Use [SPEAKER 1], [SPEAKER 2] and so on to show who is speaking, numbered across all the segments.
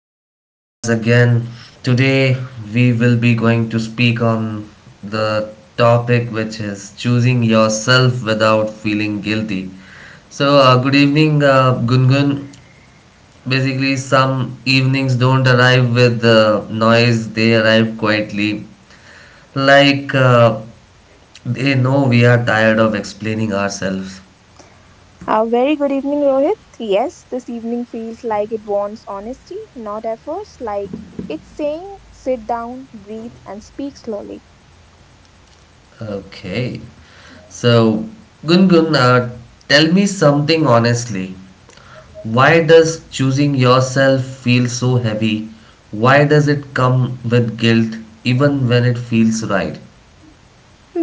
[SPEAKER 1] the podcast again. Today, we will be going to speak on the topic which is choosing yourself without feeling guilty. So, good evening, Gungun. Basically, some evenings don't arrive with noise, they arrive quietly. Like, uh, they know we are tired of explaining ourselves.
[SPEAKER 2] A very good evening, Rohit. Yes, this evening feels like it wants honesty, not efforts. Like it's saying, sit down, breathe, and speak slowly.
[SPEAKER 1] Okay. So, Gungun, tell me something honestly. Why does choosing yourself feel so heavy? Why does it come with guilt even when it feels right?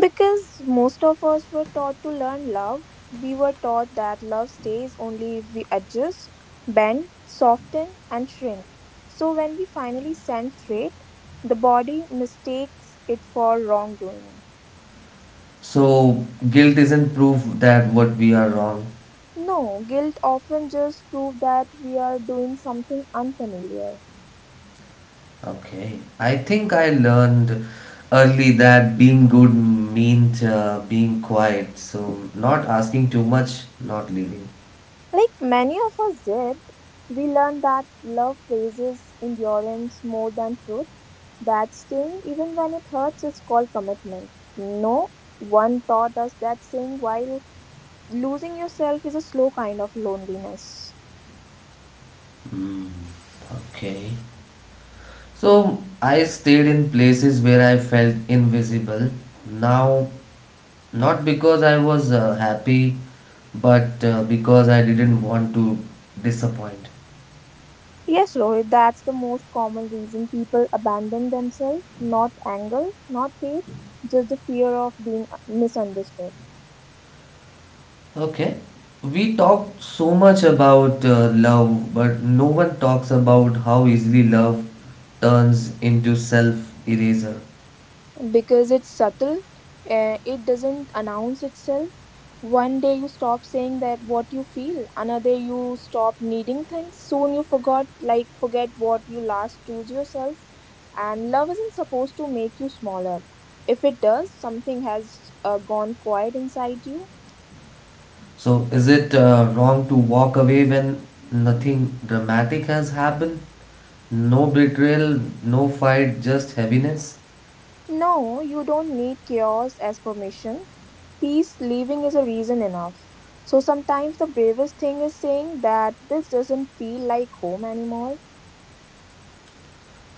[SPEAKER 2] Because most of us were taught to learn love, we were taught that love stays only if we adjust, bend, soften, and shrink. So when we finally stand straight, the body mistakes it for wrongdoing.
[SPEAKER 1] So, guilt isn't proof that what we are wrong.
[SPEAKER 2] No, guilt often just proves that we are doing something unfamiliar.
[SPEAKER 1] Okay. I think I learned early that being good means being quiet. So, not asking too much, not leading.
[SPEAKER 2] Like many of us did, we learned that love praises endurance more than truth, that staying even when it hurts is called commitment. No one taught us that staying while losing yourself is a slow kind of loneliness.
[SPEAKER 1] Okay. So I stayed in places where I felt invisible. Now, not because I was happy, but because I didn't want to disappoint.
[SPEAKER 2] Yes, Rohit, that's the most common reason people abandon themselves, not anger, not hate, just the fear of being misunderstood.
[SPEAKER 1] Okay. We talk so much about love, but no one talks about how easily love turns into self eraser.
[SPEAKER 2] Because it's subtle, it doesn't announce itself. One day you stop saying that what you feel, another you stop needing things. Soon you forgot like forget what you last choose yourself, and love isn't supposed to make you smaller. If it does, something has gone quiet inside you.
[SPEAKER 1] So, is it wrong to walk away when nothing dramatic has happened? No betrayal, no fight, just heaviness?
[SPEAKER 2] No, you don't need chaos as permission. Peace leaving is a reason enough. So sometimes the bravest thing is saying that this doesn't feel like home anymore.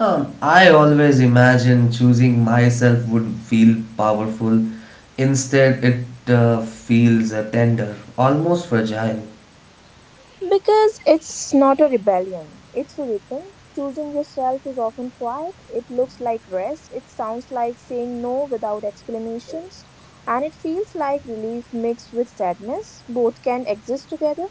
[SPEAKER 1] I always imagine choosing myself would feel powerful. Instead, it feels tender, almost fragile.
[SPEAKER 2] Because it's not a rebellion, it's a return. Choosing yourself is often quiet, it looks like rest, it sounds like saying no without explanations, and it feels like relief mixed with sadness. Both can exist together.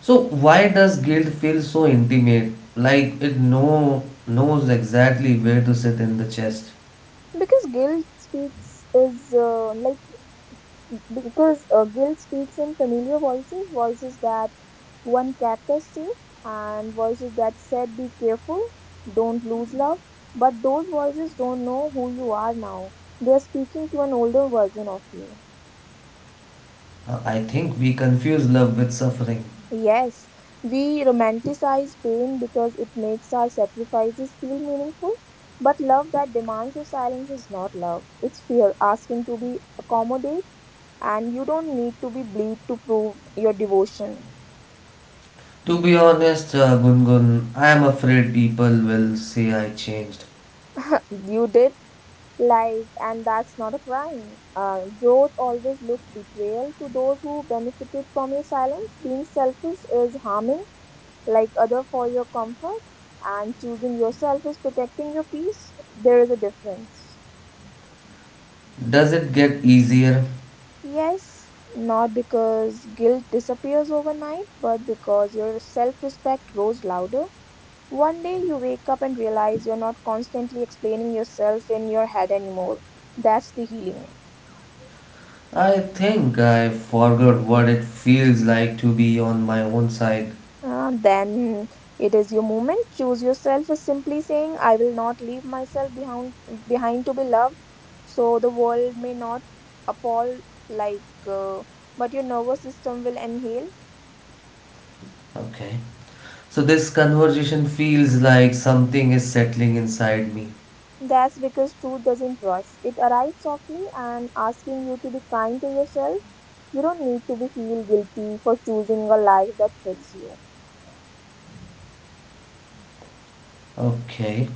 [SPEAKER 1] So why does guilt feel so intimate? Like it knows exactly where to sit in the chest.
[SPEAKER 2] Because guilt speaks is uh, like because guilt speaks in familiar voices, voices that one kept us safe, and voices that said, "Be careful, don't lose love." But those voices don't know who you are now. They're speaking to an older version of you.
[SPEAKER 1] I think we confuse love with suffering.
[SPEAKER 2] Yes, we romanticize pain because it makes our sacrifices feel meaningful. But love that demands your silence is not love. It's fear asking to be accommodated, and you don't need to be bleed to prove your devotion.
[SPEAKER 1] To be honest, Gungun, I am afraid people will say I changed.
[SPEAKER 2] You did? Like, and that's not a crime. Growth always looks betrayal to those who benefited from your silence. Being selfish is harming, like other for your comfort, and choosing yourself is protecting your peace. There is a difference.
[SPEAKER 1] Does it get easier?
[SPEAKER 2] Yes, not because guilt disappears overnight, but because your self respect grows louder. One day you wake up and realize you're not constantly explaining yourself in your head anymore. That's the healing.
[SPEAKER 1] I think I forgot what it feels like to be on my own side.
[SPEAKER 2] Then it is your moment. Choose yourself is simply saying, I will not leave myself behind, behind to be loved. So the world may not appall, like, uh, but your nervous system will inhale.
[SPEAKER 1] Okay. So this conversation feels like something is settling inside me.
[SPEAKER 2] That's because truth doesn't rush. It arrives softly and asking you to be kind to yourself. You don't need to be feel guilty for choosing a life that fits you.
[SPEAKER 1] Okay.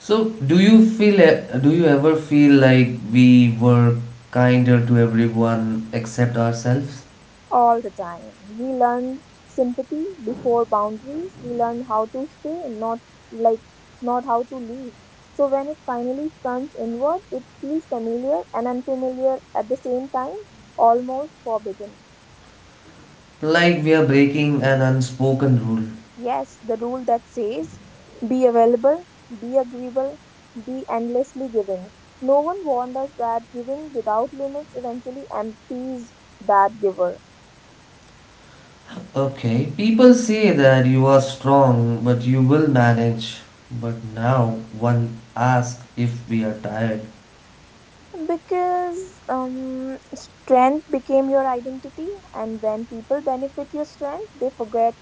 [SPEAKER 1] So do you do you ever feel like we were kinder to everyone except ourselves?
[SPEAKER 2] All the time. We learn sympathy before boundaries. We learn how to stay, like not how to leave. So when it finally turns inward, it feels familiar and unfamiliar at the same time, almost forbidden.
[SPEAKER 1] Like we are breaking an unspoken rule.
[SPEAKER 2] Yes, the rule that says be available, be agreeable, be endlessly giving. No one warned us that giving without limits eventually empties that giver.
[SPEAKER 1] Okay. People say that you are strong but you will manage. But now one asks if we are tired.
[SPEAKER 2] Because strength became your identity, and when people benefit your strength, they forget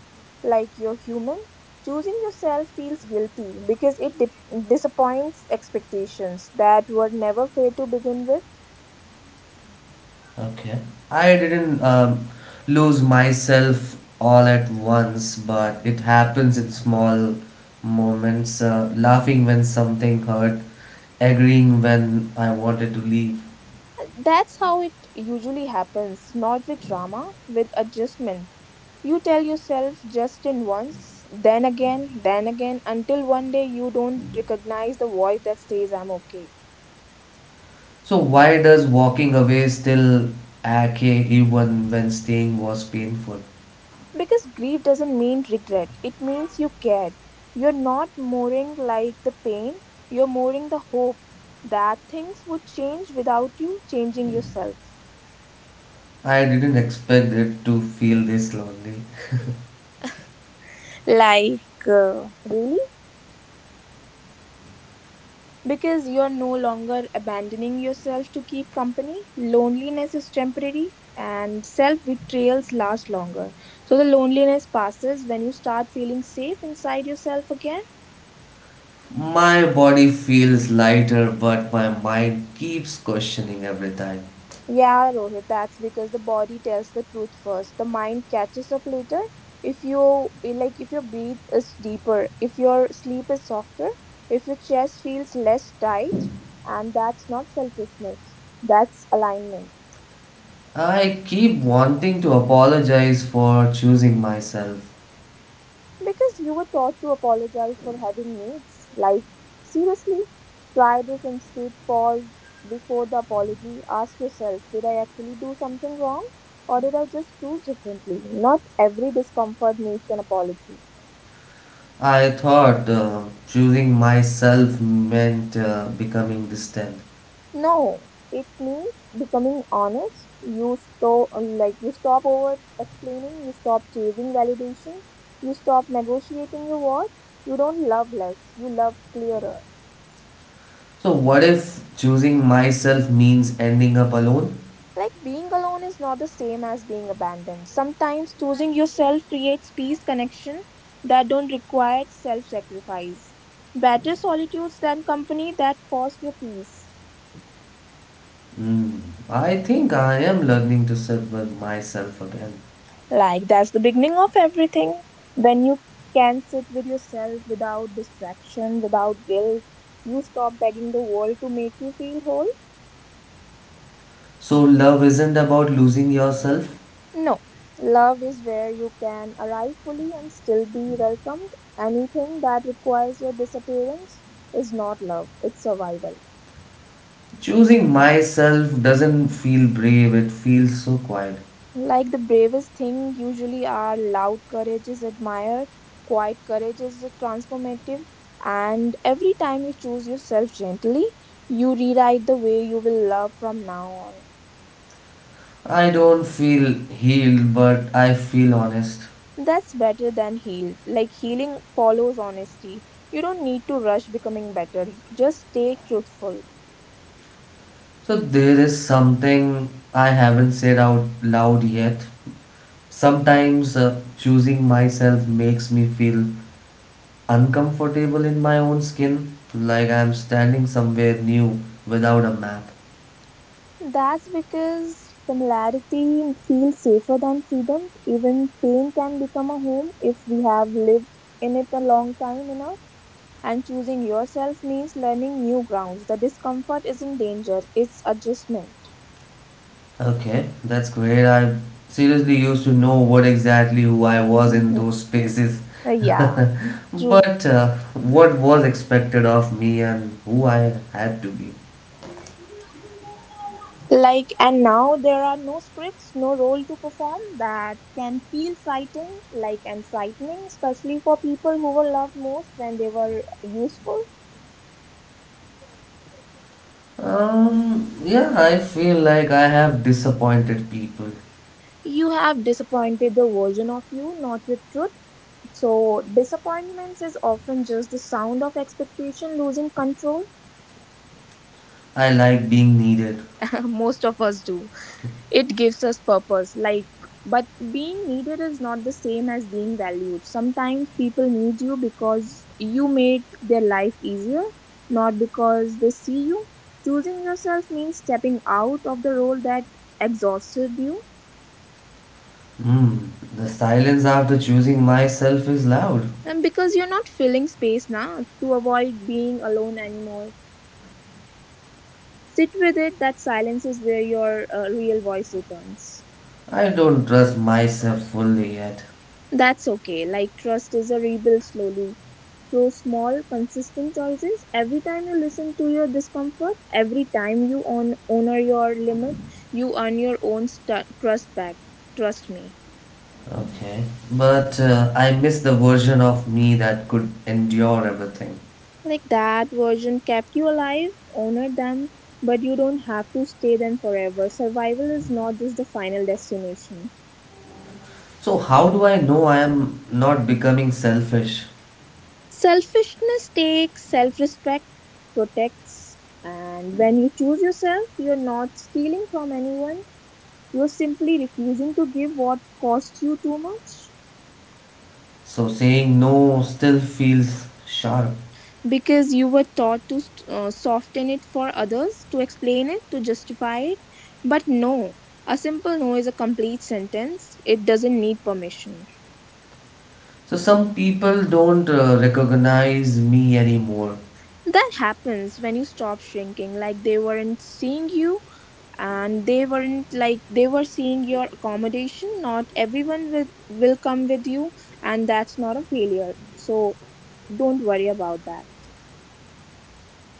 [SPEAKER 2] like you're human. Choosing yourself feels guilty because it disappoints expectations that were never fair to begin with.
[SPEAKER 1] Okay. I didn't lose myself all at once, but it happens in small moments. Laughing when something hurt, agreeing when I wanted to leave.
[SPEAKER 2] That's how it usually happens, not with drama, with adjustment. You tell yourself just in once, then again, until one day you don't recognize the voice that says, I'm okay.
[SPEAKER 1] So, why does walking away still ache even when staying was painful?
[SPEAKER 2] Because grief doesn't mean regret, it means you cared. You're not mourning like the pain, you're mourning the hope that things would change without you changing yourself.
[SPEAKER 1] I didn't expect it to feel this lonely.
[SPEAKER 2] Like, really? Because you're no longer abandoning yourself to keep company. Loneliness is temporary and self betrayals last longer. So the loneliness passes when you start feeling safe inside yourself again.
[SPEAKER 1] My body feels lighter, but my mind keeps questioning every time.
[SPEAKER 2] Yeah, Rohit, that's because the body tells the truth first. The mind catches up later. If your breath is deeper, if your sleep is softer, if your chest feels less tight, and that's not selfishness. That's alignment.
[SPEAKER 1] I keep wanting to apologize for choosing myself.
[SPEAKER 2] Because you were taught to apologize for having needs. Like, seriously, try this instead. Pause before the apology. Ask yourself, did I actually do something wrong? Or did I just choose differently? Not every discomfort needs an apology.
[SPEAKER 1] I thought choosing myself meant becoming distant.
[SPEAKER 2] No, it means becoming honest. You stop over explaining. You stop chasing validation. You stop negotiating your worth. You don't love less. You love clearer.
[SPEAKER 1] So, what if choosing myself means ending up alone?
[SPEAKER 2] Like being alone is not the same as being abandoned. Sometimes choosing yourself creates peace connection that don't require self-sacrifice. Better solitudes than company that cost your peace.
[SPEAKER 1] Hmm. I think I am learning to sit with myself again.
[SPEAKER 2] Like that's the beginning of everything. When you can sit with yourself without distraction, without guilt, you stop begging the world to make you feel whole.
[SPEAKER 1] So, love isn't about losing yourself.
[SPEAKER 2] No, love is where you can arrive fully and still be welcomed. Anything that requires your disappearance is not love, it's survival.
[SPEAKER 1] Choosing myself doesn't feel brave, it feels so quiet.
[SPEAKER 2] Like the bravest thing, usually our loud courage is admired, quiet courage is transformative, and every time you choose yourself gently, you rewrite the way you will love from now on.
[SPEAKER 1] I don't feel healed, but I feel honest.
[SPEAKER 2] That's better than healed. Like healing follows honesty. You don't need to rush becoming better, just stay truthful.
[SPEAKER 1] So there is something I haven't said out loud yet. Sometimes choosing myself makes me feel uncomfortable in my own skin, like I'm standing somewhere new without a map.
[SPEAKER 2] That's because familiarity feels safer than freedom. Even pain can become a home if we have lived in it a long time enough. And choosing yourself means learning new grounds. The discomfort isn't danger, it's adjustment.
[SPEAKER 1] Okay, that's great. I seriously used to know what exactly who I was in
[SPEAKER 2] Mhm.
[SPEAKER 1] those spaces.
[SPEAKER 2] Uh, yeah, True.
[SPEAKER 1] But what was expected of me and who I had to be.
[SPEAKER 2] Like, and now there are no scripts, no role to perform that can feel frightened, and frightening, especially for people who were loved most when they were useful.
[SPEAKER 1] Yeah, I feel like I have disappointed people.
[SPEAKER 2] You have disappointed the version of you, not your truth. So, disappointments is often just the sound of expectation losing control.
[SPEAKER 1] I like being needed.
[SPEAKER 2] Most of us do. It gives us purpose. Like, but being needed is not the same as being valued. Sometimes people need you because you made their life easier, not because they see you. Choosing yourself means stepping out of the role that exhausted you.
[SPEAKER 1] Hmm, the silence after choosing myself is loud.
[SPEAKER 2] And because you're not filling space now to avoid being alone anymore. Sit with it, that silence is where your real voice returns.
[SPEAKER 1] I don't trust myself fully yet.
[SPEAKER 2] That's okay. Like trust is a rebuild slowly through small, consistent choices. Every time you listen to your discomfort, every time you on honor your limit, you earn your own trust back. Trust me.
[SPEAKER 1] Okay. But I miss the version of me that could endure everything.
[SPEAKER 2] Like that version kept you alive, honored them, but you don't have to stay them forever. Survival is not just the final destination.
[SPEAKER 1] So, how do I know I am not becoming selfish?
[SPEAKER 2] Selfishness takes self respect, protects, and when you choose yourself, you're not stealing from anyone. You're simply refusing to give what costs you too much.
[SPEAKER 1] So, saying no still feels sharp.
[SPEAKER 2] Because you were taught to soften it for others, to explain it, to justify it. But no, a simple no is a complete sentence, it doesn't need permission.
[SPEAKER 1] So, some people don't recognize me anymore.
[SPEAKER 2] That happens when you stop shrinking, like they weren't seeing you and they were seeing your accommodation. Not everyone will come with you, and that's not a failure. So don't worry about that.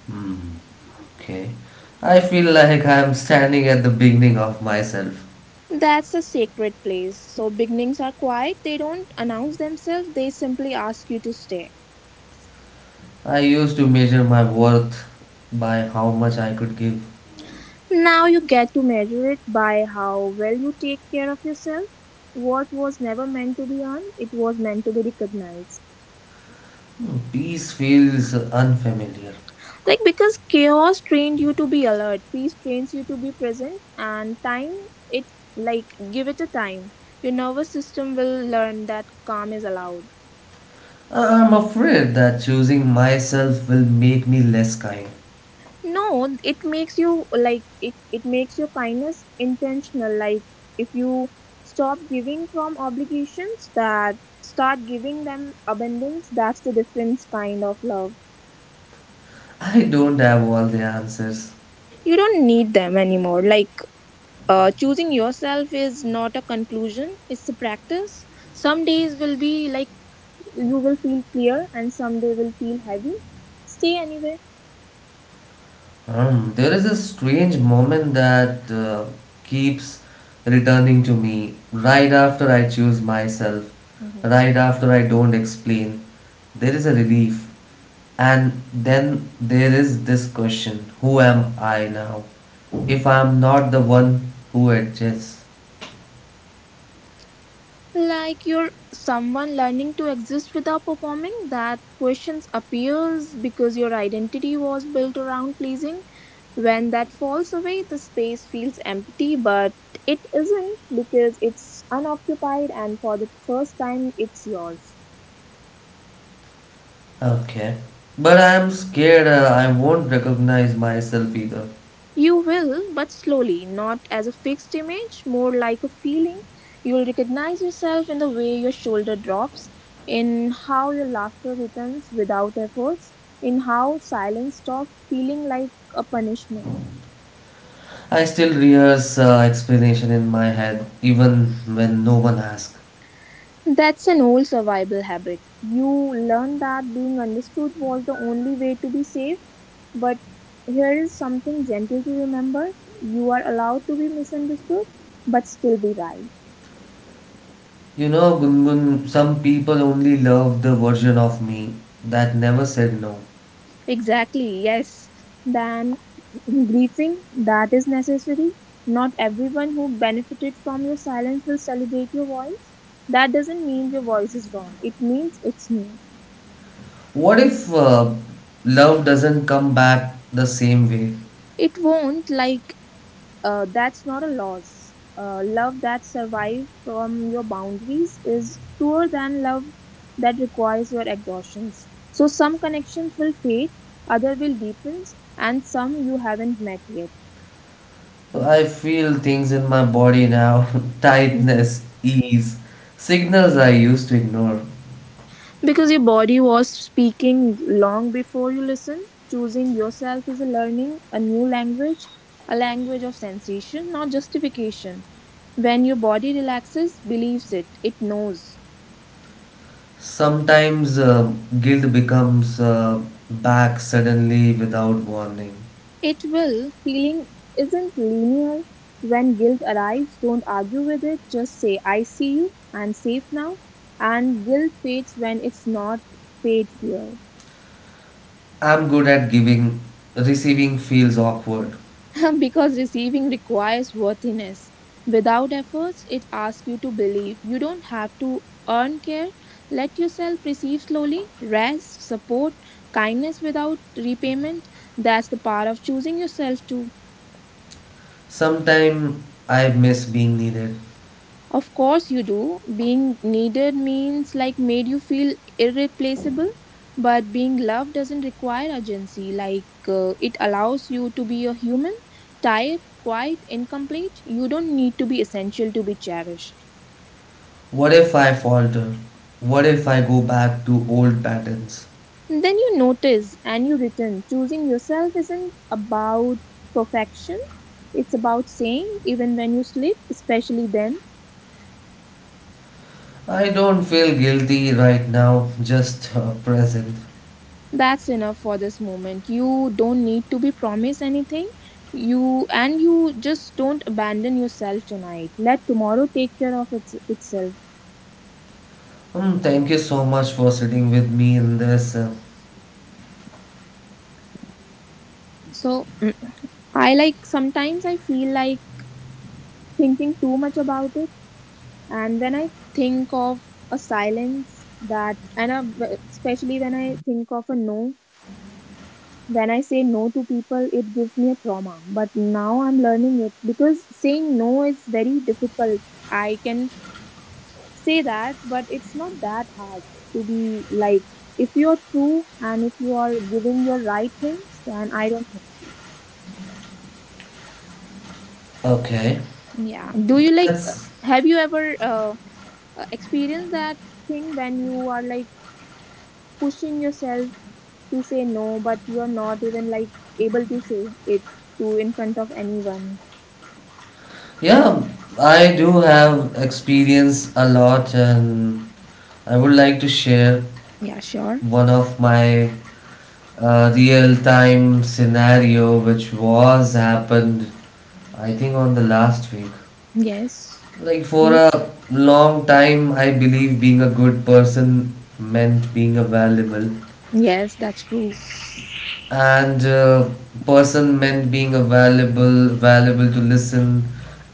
[SPEAKER 1] Hmm. Okay. I feel like I am standing at the beginning of myself.
[SPEAKER 2] That's a sacred place. So beginnings are quiet, they don't announce themselves, they simply ask you to stay.
[SPEAKER 1] I used to measure my worth by how much I could give.
[SPEAKER 2] Now you get to measure it by how well you take care of yourself. What was never meant to be earned, it was meant to be recognized.
[SPEAKER 1] Hmm, peace feels unfamiliar.
[SPEAKER 2] Like because chaos trained you to be alert, peace trains you to be present, and time it like give it a time. Your nervous system will learn that calm is allowed.
[SPEAKER 1] I'm afraid that choosing myself will make me less kind.
[SPEAKER 2] No, it makes your kindness intentional. Like if you stop giving from obligations, that start giving them abundance. That's the difference kind of love.
[SPEAKER 1] I don't have all the answers.
[SPEAKER 2] You don't need them anymore. Choosing yourself is not a conclusion, it's a practice. Some days will be like You will feel clear and some day will feel heavy. Stay anyway.
[SPEAKER 1] There is a strange moment that keeps returning to me right after I choose myself,
[SPEAKER 2] Mhm.
[SPEAKER 1] right after I don't explain. There is a relief, and then there is this question: who am I now? If I am not the one who adjusts.
[SPEAKER 2] Like you're someone learning to exist without performing, that questions appears because your identity was built around pleasing. When that falls away, the space feels empty, but it isn't, because it's unoccupied and for the first time it's yours.
[SPEAKER 1] Okay. But I am scared I won't recognize myself either.
[SPEAKER 2] You will, but slowly, not as a fixed image, more like a feeling. You'll recognize yourself in the way your shoulder drops, in how your laughter returns without efforts, in how silence stops feeling like a punishment.
[SPEAKER 1] I still rehearse explanation in my head even when no one asks.
[SPEAKER 2] That's an old survival habit. You learned that being understood was the only way to be safe, but here is something gentle to remember. You are allowed to be misunderstood, but still be right.
[SPEAKER 1] You know, Gungun, some people only love the version of me that never said no.
[SPEAKER 2] Exactly, yes. Than grieving that is necessary. Not everyone who benefited from your silence will celebrate your voice. That doesn't mean your voice is wrong. It means it's new.
[SPEAKER 1] What if love doesn't come back the same way?
[SPEAKER 2] It won't. That's not a loss. Love that survives from your boundaries is truer than love that requires your exhaustions. So some connections will fade, other will deepens, and some you haven't met yet.
[SPEAKER 1] I feel things in my body now
[SPEAKER 2] Mm-hmm.
[SPEAKER 1] tightness, ease, signals I used to ignore.
[SPEAKER 2] Because your body was speaking long before you listen. Choosing yourself is a learning, a new language, a language of sensation, not justification. When your body relaxes, believes it, it knows.
[SPEAKER 1] Sometimes guilt becomes back suddenly without warning.
[SPEAKER 2] It will. Healing isn't linear. When guilt arrives, don't argue with it. Just say, I see you, I'm safe now. And guilt fades when it's not, fade fear.
[SPEAKER 1] I'm good at giving, receiving feels awkward.
[SPEAKER 2] Because receiving requires worthiness. Without efforts, it asks you to believe. You don't have to earn care. Let yourself receive slowly. Rest, support, kindness without repayment. That's the power of choosing yourself too.
[SPEAKER 1] Sometimes I miss being needed.
[SPEAKER 2] Of course you do. Being needed means like made you feel irreplaceable, but being loved doesn't require urgency. Like it allows you to be a human, tired, quiet, incomplete. You don't need to be essential to be cherished.
[SPEAKER 1] What if I falter? What if I go back to old patterns?
[SPEAKER 2] Then you notice and you return. Choosing yourself isn't about perfection. It's about saying even when you sleep, especially then.
[SPEAKER 1] I don't feel guilty right now, just present.
[SPEAKER 2] That's enough for this moment. You don't need to be promised anything. You just don't abandon yourself tonight. Let tomorrow take care of itself.
[SPEAKER 1] Thank you so much for sitting with me in this.
[SPEAKER 2] So I sometimes I feel like thinking too much about it, and when I think of a silence especially when I think of a no, when I say no to people, it gives me a trauma. But now I'm learning it, because saying no is very difficult. I can say that, but it's not that hard to be like, if you're true and if you are giving your right things, then I don't think so.
[SPEAKER 1] Okay.
[SPEAKER 2] Yeah. Do you like,
[SPEAKER 1] That's.
[SPEAKER 2] have you ever experienced that thing when you are like pushing yourself to say no, but you're not even like able to say it to in front of anyone?
[SPEAKER 1] Yeah, I do have experience a lot, and I would like to share
[SPEAKER 2] Yeah, sure.
[SPEAKER 1] one of my real time scenario which was happened, I think, on the last week.
[SPEAKER 2] Yes.
[SPEAKER 1] Like for a
[SPEAKER 2] Please.
[SPEAKER 1] long time, I believe being a good person meant being a valuable,
[SPEAKER 2] Yes, that's true.
[SPEAKER 1] and person meant being available, available to listen,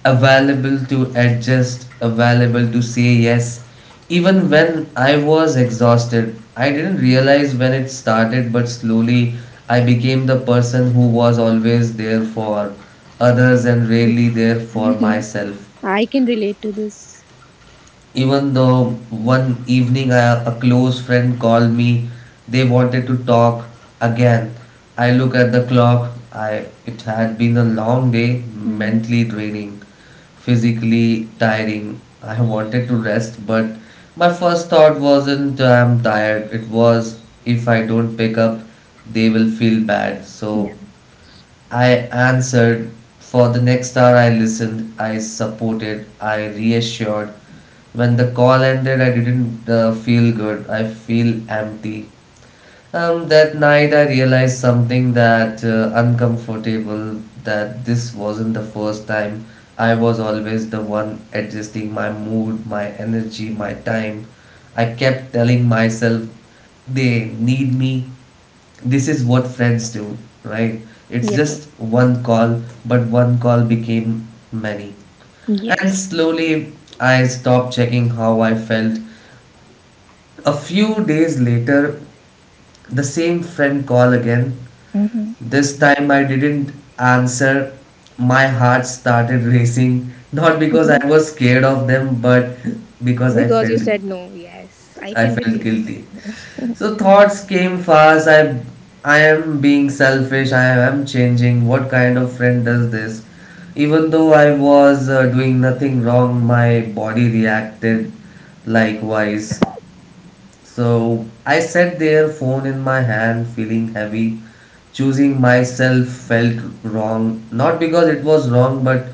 [SPEAKER 1] available to adjust, available to say yes. Even when I was exhausted, I didn't realize when it started, but slowly I became the person who was always there for others and rarely there for
[SPEAKER 2] Yeah. Mhm.
[SPEAKER 1] myself.
[SPEAKER 2] I can relate to this.
[SPEAKER 1] Even though one evening I, a close friend called me, they wanted to talk again. I look at the clock, I it had been a long day,
[SPEAKER 2] Hmm.
[SPEAKER 1] mentally draining, physically tiring. I wanted to rest, but my first thought wasn't I'm tired, it was if I don't pick up they will feel bad, so
[SPEAKER 2] Yeah.
[SPEAKER 1] I answered. For the next hour, I listened, I supported, I reassured. When the call ended, I didn't feel good. I feel empty. That night I realized something that uncomfortable that this wasn't the first time. I was always the one adjusting my mood, my energy, my time. I kept telling myself they need me. This is what friends do, right? It's
[SPEAKER 2] Yes.
[SPEAKER 1] just one call, but one call became many.
[SPEAKER 2] Yes.
[SPEAKER 1] And slowly I stopped checking how I felt. A few days later, the same friend called again.
[SPEAKER 2] Hmm.
[SPEAKER 1] This time I didn't answer. My heart started racing, not because I was scared of them, but because
[SPEAKER 2] Because you said no. Yes, I
[SPEAKER 1] I
[SPEAKER 2] can
[SPEAKER 1] felt
[SPEAKER 2] relate to
[SPEAKER 1] guilty.
[SPEAKER 2] that.
[SPEAKER 1] So thoughts came fast. I am being selfish. I am changing. What kind of friend does this? Even though I was doing nothing wrong, my body reacted likewise, so I sat there, phone in my hand, feeling heavy. Choosing myself felt wrong, not because it was wrong, but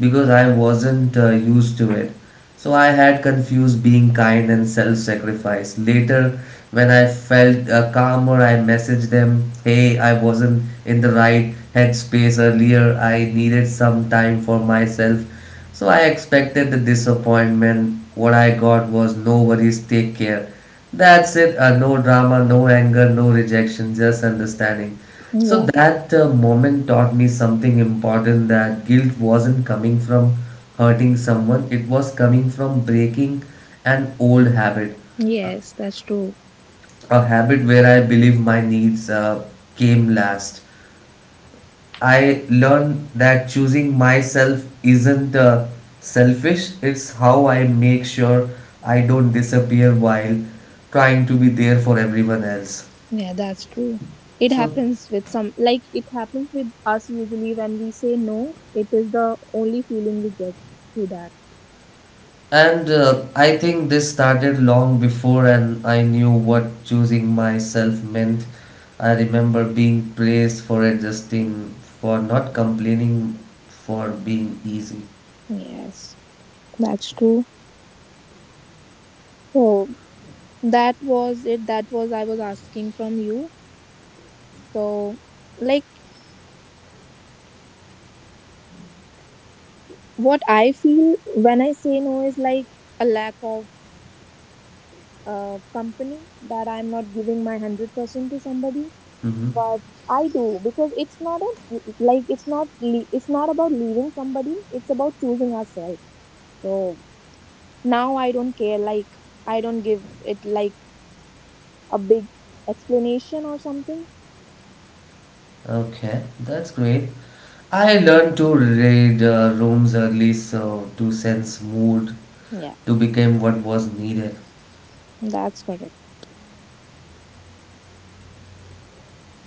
[SPEAKER 1] because I wasn't used to it. So I had confused being kind and self sacrifice. Later, when I felt calmer, I messaged them, "Hey, I wasn't in the right headspace earlier. I needed some time for myself." So I expected the disappointment. What I got was "no worries, take care." That's it. No drama, no anger, no rejection, just understanding. So
[SPEAKER 2] Yeah.
[SPEAKER 1] that moment taught me something important that guilt wasn't coming from hurting someone, it was coming from breaking an old habit,
[SPEAKER 2] Yes, that's true.
[SPEAKER 1] a habit where I believe my needs came last. I learned that choosing myself isn't selfish, it's how I make sure I don't disappear while trying to be there for everyone else.
[SPEAKER 2] Yeah, that's true. It
[SPEAKER 1] So,
[SPEAKER 2] happens with some, like, it happens with us usually when we say no, it is the only feeling we get to that.
[SPEAKER 1] and I think this started long before, and I knew what choosing myself meant. I remember being praised for adjusting, for not complaining, for being easy.
[SPEAKER 2] Yes, that's true. So, that was it. That was I was asking from you. So, like, what I feel when I say no is like a lack of company, that I'm not giving my 100% to somebody,
[SPEAKER 1] Mm-hmm.
[SPEAKER 2] but I do, because it's not a like it's not it's not about leaving somebody, it's about choosing ourselves. So now I don't care, like I don't give it like a big explanation or something.
[SPEAKER 1] Okay, that's great. I learned to read rooms early so to sense mood
[SPEAKER 2] Yeah,
[SPEAKER 1] to become what was needed.
[SPEAKER 2] that's correct.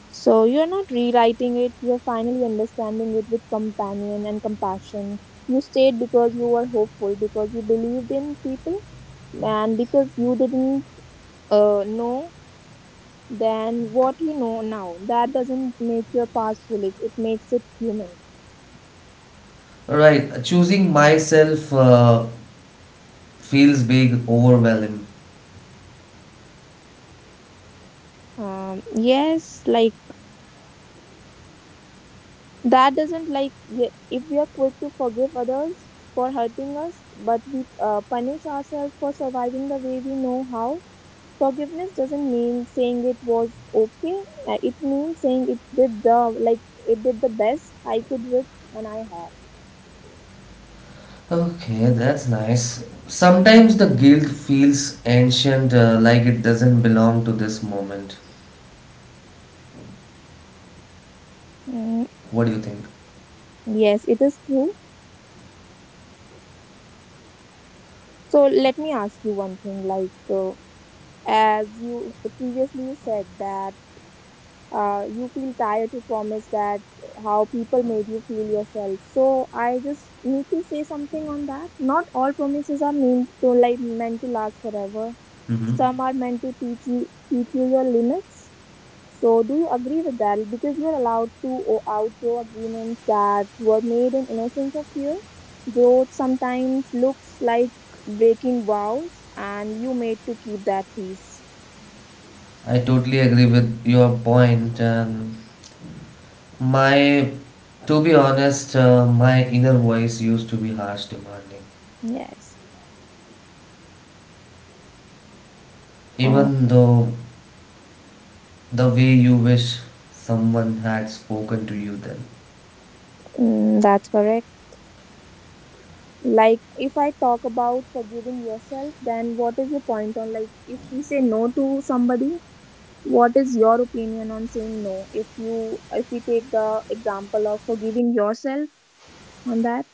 [SPEAKER 2] So you're not rewriting it, you're finally understanding it with companion and compassion. You stayed because you were hopeful, because you believed in people, and because you didn't know then what you know now. That doesn't make your past foolish. It makes it human.
[SPEAKER 1] Right, choosing myself feels big, overwhelming.
[SPEAKER 2] Yes, like that doesn't like if we are quick to forgive others for hurting us, but we punish ourselves for surviving the way we know how. Forgiveness doesn't mean saying it was okay. It means saying it did the like it did the best I could with and I had.
[SPEAKER 1] Okay, that's nice. Sometimes the guilt feels ancient, like it doesn't belong to this moment.
[SPEAKER 2] Mm,
[SPEAKER 1] What do you think?
[SPEAKER 2] yes, it is true. So let me ask you one thing. Like as you previously you said that you feel tired to promise that how people made you feel yourself. So I just need to say something on that. Not all promises are meant to like meant to last forever.
[SPEAKER 1] Hmm.
[SPEAKER 2] Some are meant to teach you your limits. So, do you agree with that? Because you're allowed to outgrow agreements that were made in innocence of fear. Growth sometimes looks like breaking vows, and you made to keep that peace.
[SPEAKER 1] I totally agree with your point, and my, to be honest, my inner voice used to be harsh, demanding.
[SPEAKER 2] Yes, uh,
[SPEAKER 1] Even though the way you wish someone had spoken to you then?
[SPEAKER 2] mm, that's correct. Like, if I talk about forgiving yourself, then what is your point on, like, if we say no to somebody? What is your opinion on saying no? If we take the example of forgiving yourself on that,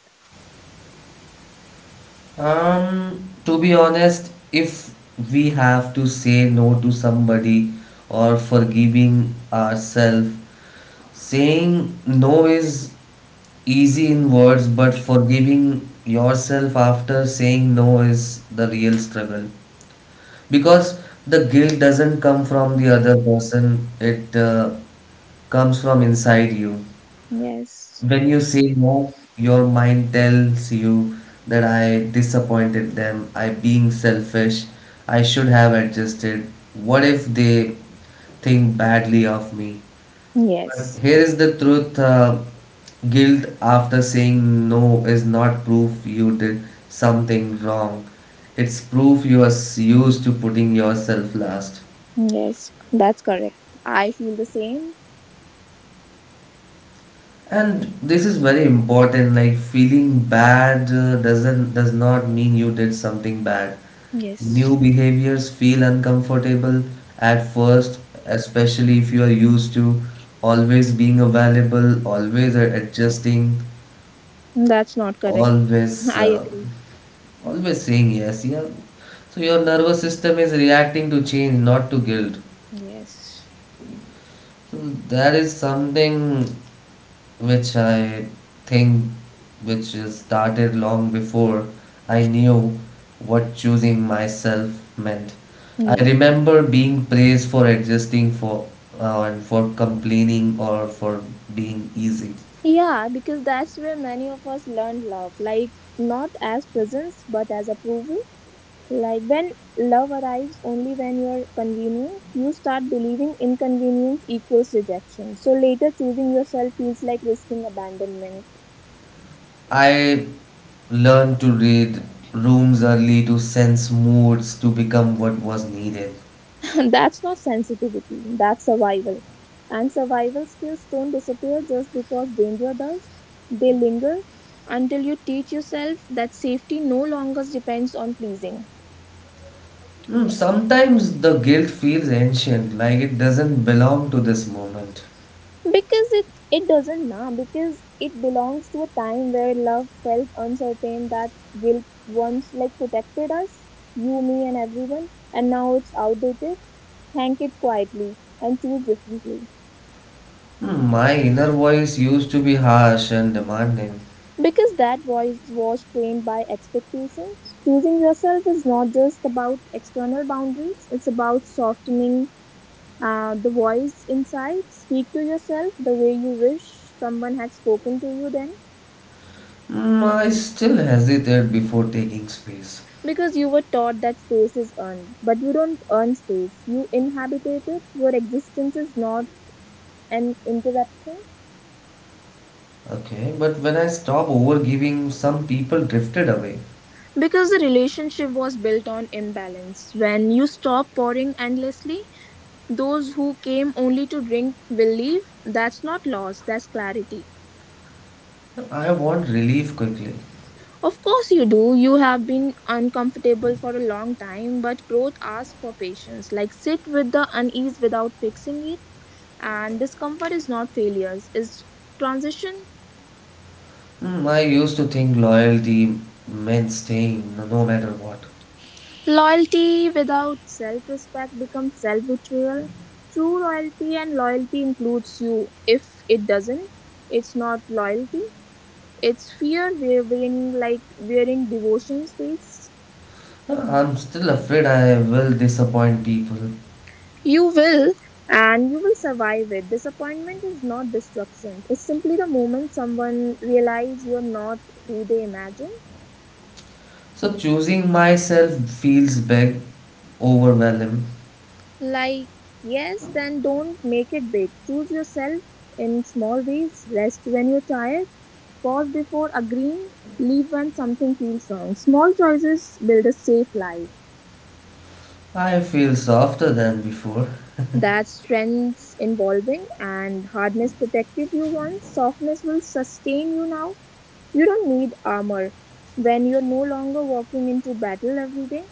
[SPEAKER 1] To be honest, if we have to say no to somebody or forgiving ourselves, saying no is easy in words, but forgiving yourself after saying no is the real struggle because the guilt doesn't come from the other person, it comes from inside you.
[SPEAKER 2] yes.
[SPEAKER 1] When you say no, your mind tells you that I disappointed them, I being selfish, I should have adjusted. What if they think badly of me? But
[SPEAKER 2] Yes,
[SPEAKER 1] here is the truth: guilt after saying no is not proof you did something wrong. It's proof you are used to putting yourself last.
[SPEAKER 2] yes, that's correct. I feel the same.
[SPEAKER 1] And this is very important. Like feeling bad does not mean you did something bad.
[SPEAKER 2] Yes,
[SPEAKER 1] New behaviors feel uncomfortable at first, especially if you are used to always being available, adjusting,
[SPEAKER 2] that's not correct.
[SPEAKER 1] always
[SPEAKER 2] I
[SPEAKER 1] uh,
[SPEAKER 2] agree.
[SPEAKER 1] always saying yes. Yeah. So your nervous system is reacting to change, not to guilt.
[SPEAKER 2] Yes,
[SPEAKER 1] That is something which I think which is started long before I knew what choosing myself meant. I
[SPEAKER 2] yes.
[SPEAKER 1] remember being praised for adjusting for and for complaining or for being easy.
[SPEAKER 2] Yeah, because that's where many of us learn love. Like, not as presence, but as approval. Like, when love arrives only when you're convenient, you start believing inconvenience equals rejection. So, later choosing yourself feels like risking abandonment.
[SPEAKER 1] I learned to read rooms early to sense moods to become what was needed.
[SPEAKER 2] That's not sensitivity, that's survival. And survival skills don't disappear just because danger does, they linger until you teach yourself that safety no longer depends on pleasing.
[SPEAKER 1] Mm, sometimes the guilt feels ancient, like it doesn't belong to this moment.
[SPEAKER 2] Because it doesn't now, because it belongs to a time where love felt uncertain, that guilt once like protected us, you, me, and everyone, and now it's outdated. Thank it quietly and choose differently.
[SPEAKER 1] Mm, my inner voice used to be harsh and demanding.
[SPEAKER 2] Because that voice was trained by expectations. Choosing yourself is not just about external boundaries, it's about softening the voice inside. Speak to yourself the way you wish someone had spoken to you then.
[SPEAKER 1] Mm, I still hesitate before taking space.
[SPEAKER 2] Because you were taught that space is earned, but you don't earn space, you inhabit it. Your existence is not an interruption.
[SPEAKER 1] Okay, but when I stop overgiving, some people drifted away.
[SPEAKER 2] Because the relationship was built on imbalance. When you stop pouring endlessly, those who came only to drink will leave. That's not loss, that's clarity.
[SPEAKER 1] I want relief quickly.
[SPEAKER 2] Of course, you do. You have been uncomfortable for a long time, but growth asks for patience. Like, sit with the unease without fixing it. And discomfort is not failures, it's transition.
[SPEAKER 1] Mm, I used to think loyalty meant staying no matter what.
[SPEAKER 2] Loyalty without self respect becomes self betrayal. True loyalty and loyalty includes you. If it doesn't, it's not loyalty. It's fear wearing like wearing devotion's face.
[SPEAKER 1] I'm still afraid I will disappoint people.
[SPEAKER 2] You will, and you will survive it. Disappointment is not destruction, it's simply the moment someone realizes you're not who they imagined.
[SPEAKER 1] So choosing myself feels big, overwhelming.
[SPEAKER 2] Like, yes, then don't make it big. Choose yourself in small ways, rest when you're tired, pause before agreeing, leave when something feels wrong. Small choices build a safe life.
[SPEAKER 1] I feel softer than before.
[SPEAKER 2] That strength's involving and hardness protected you once, softness will sustain you now. You don't need armor when you're no longer walking into battle every day.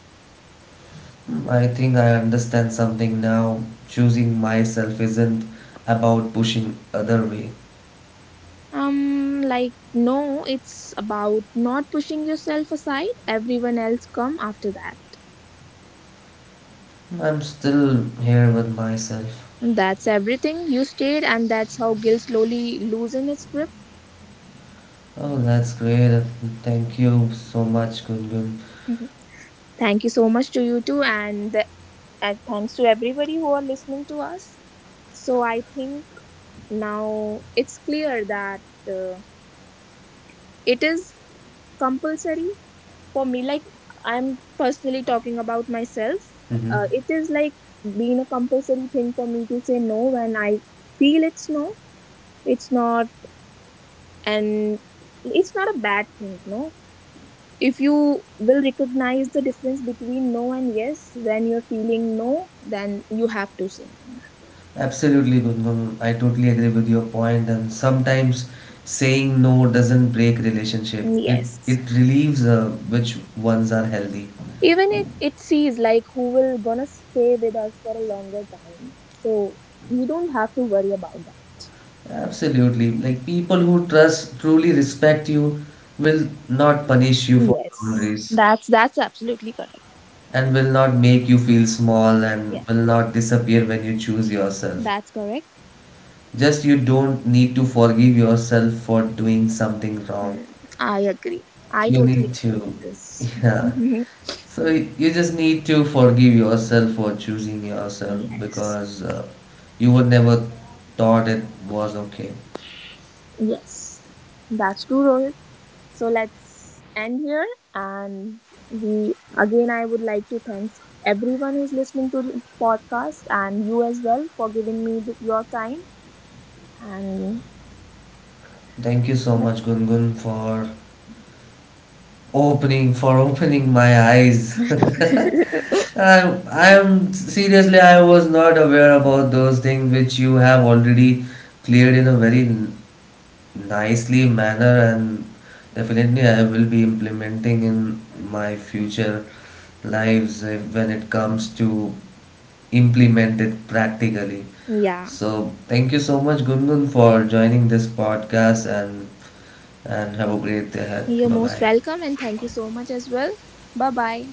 [SPEAKER 1] Hmm, I think I understand something now. Choosing myself isn't about pushing other way.
[SPEAKER 2] Like, no, it's about not pushing yourself aside. Everyone else come after that.
[SPEAKER 1] I'm still here with myself.
[SPEAKER 2] That's everything. You stayed, and that's how guilt slowly loosen its grip.
[SPEAKER 1] Oh, that's great. Thank you so much, Gungun.
[SPEAKER 2] Mhm. Thank you so much to you too, and thanks to everybody who are listening to us. So I think now it's clear that uh, it is compulsory for me, like I'm personally talking about myself.
[SPEAKER 1] Hmm.
[SPEAKER 2] It is like being a compulsory thing for me to say no when I feel it's no. It's not, and it's not a bad thing, no. If you will recognize the difference between no and yes, when you're feeling no, then you have to say no.
[SPEAKER 1] Absolutely, Gungun. I totally agree with your point. And sometimes saying no doesn't break relationship. It
[SPEAKER 2] Yes,
[SPEAKER 1] it relieves which ones are healthy.
[SPEAKER 2] even it it sees like who will gonna stay with us for a longer time, so we don't have to worry about that.
[SPEAKER 1] Absolutely. Like people who trust, truly respect you, will not punish you for
[SPEAKER 2] Yes,
[SPEAKER 1] boundaries
[SPEAKER 2] that's absolutely correct.
[SPEAKER 1] and will not make you feel small
[SPEAKER 2] Yeah,
[SPEAKER 1] and will not disappear when you choose yourself.
[SPEAKER 2] that's correct.
[SPEAKER 1] Just you don't need to forgive yourself for doing something wrong.
[SPEAKER 2] Mm, I agree. I
[SPEAKER 1] You
[SPEAKER 2] totally
[SPEAKER 1] need
[SPEAKER 2] agree
[SPEAKER 1] to,
[SPEAKER 2] with this.
[SPEAKER 1] yeah. So you just need to forgive yourself for choosing yourself
[SPEAKER 2] Yes,
[SPEAKER 1] because you were never thought it was okay.
[SPEAKER 2] yes, that's true, Rohit. So let's end here, and we again. I would like to thanks everyone who's listening to the podcast and you as well for giving me your time. And
[SPEAKER 1] Thank you so much, Gungun, for opening my eyes. I I am seriously I was not aware about those things which you have already cleared in a very nicely manner and definitely I will be implementing in my future lives if, when it comes to implement it practically.
[SPEAKER 2] yeah,
[SPEAKER 1] So thank you so much, Gungun, for joining this podcast and have a great day ahead.
[SPEAKER 2] you're
[SPEAKER 1] Bye
[SPEAKER 2] most
[SPEAKER 1] bye.
[SPEAKER 2] welcome, and thank you so much as well. Bye bye.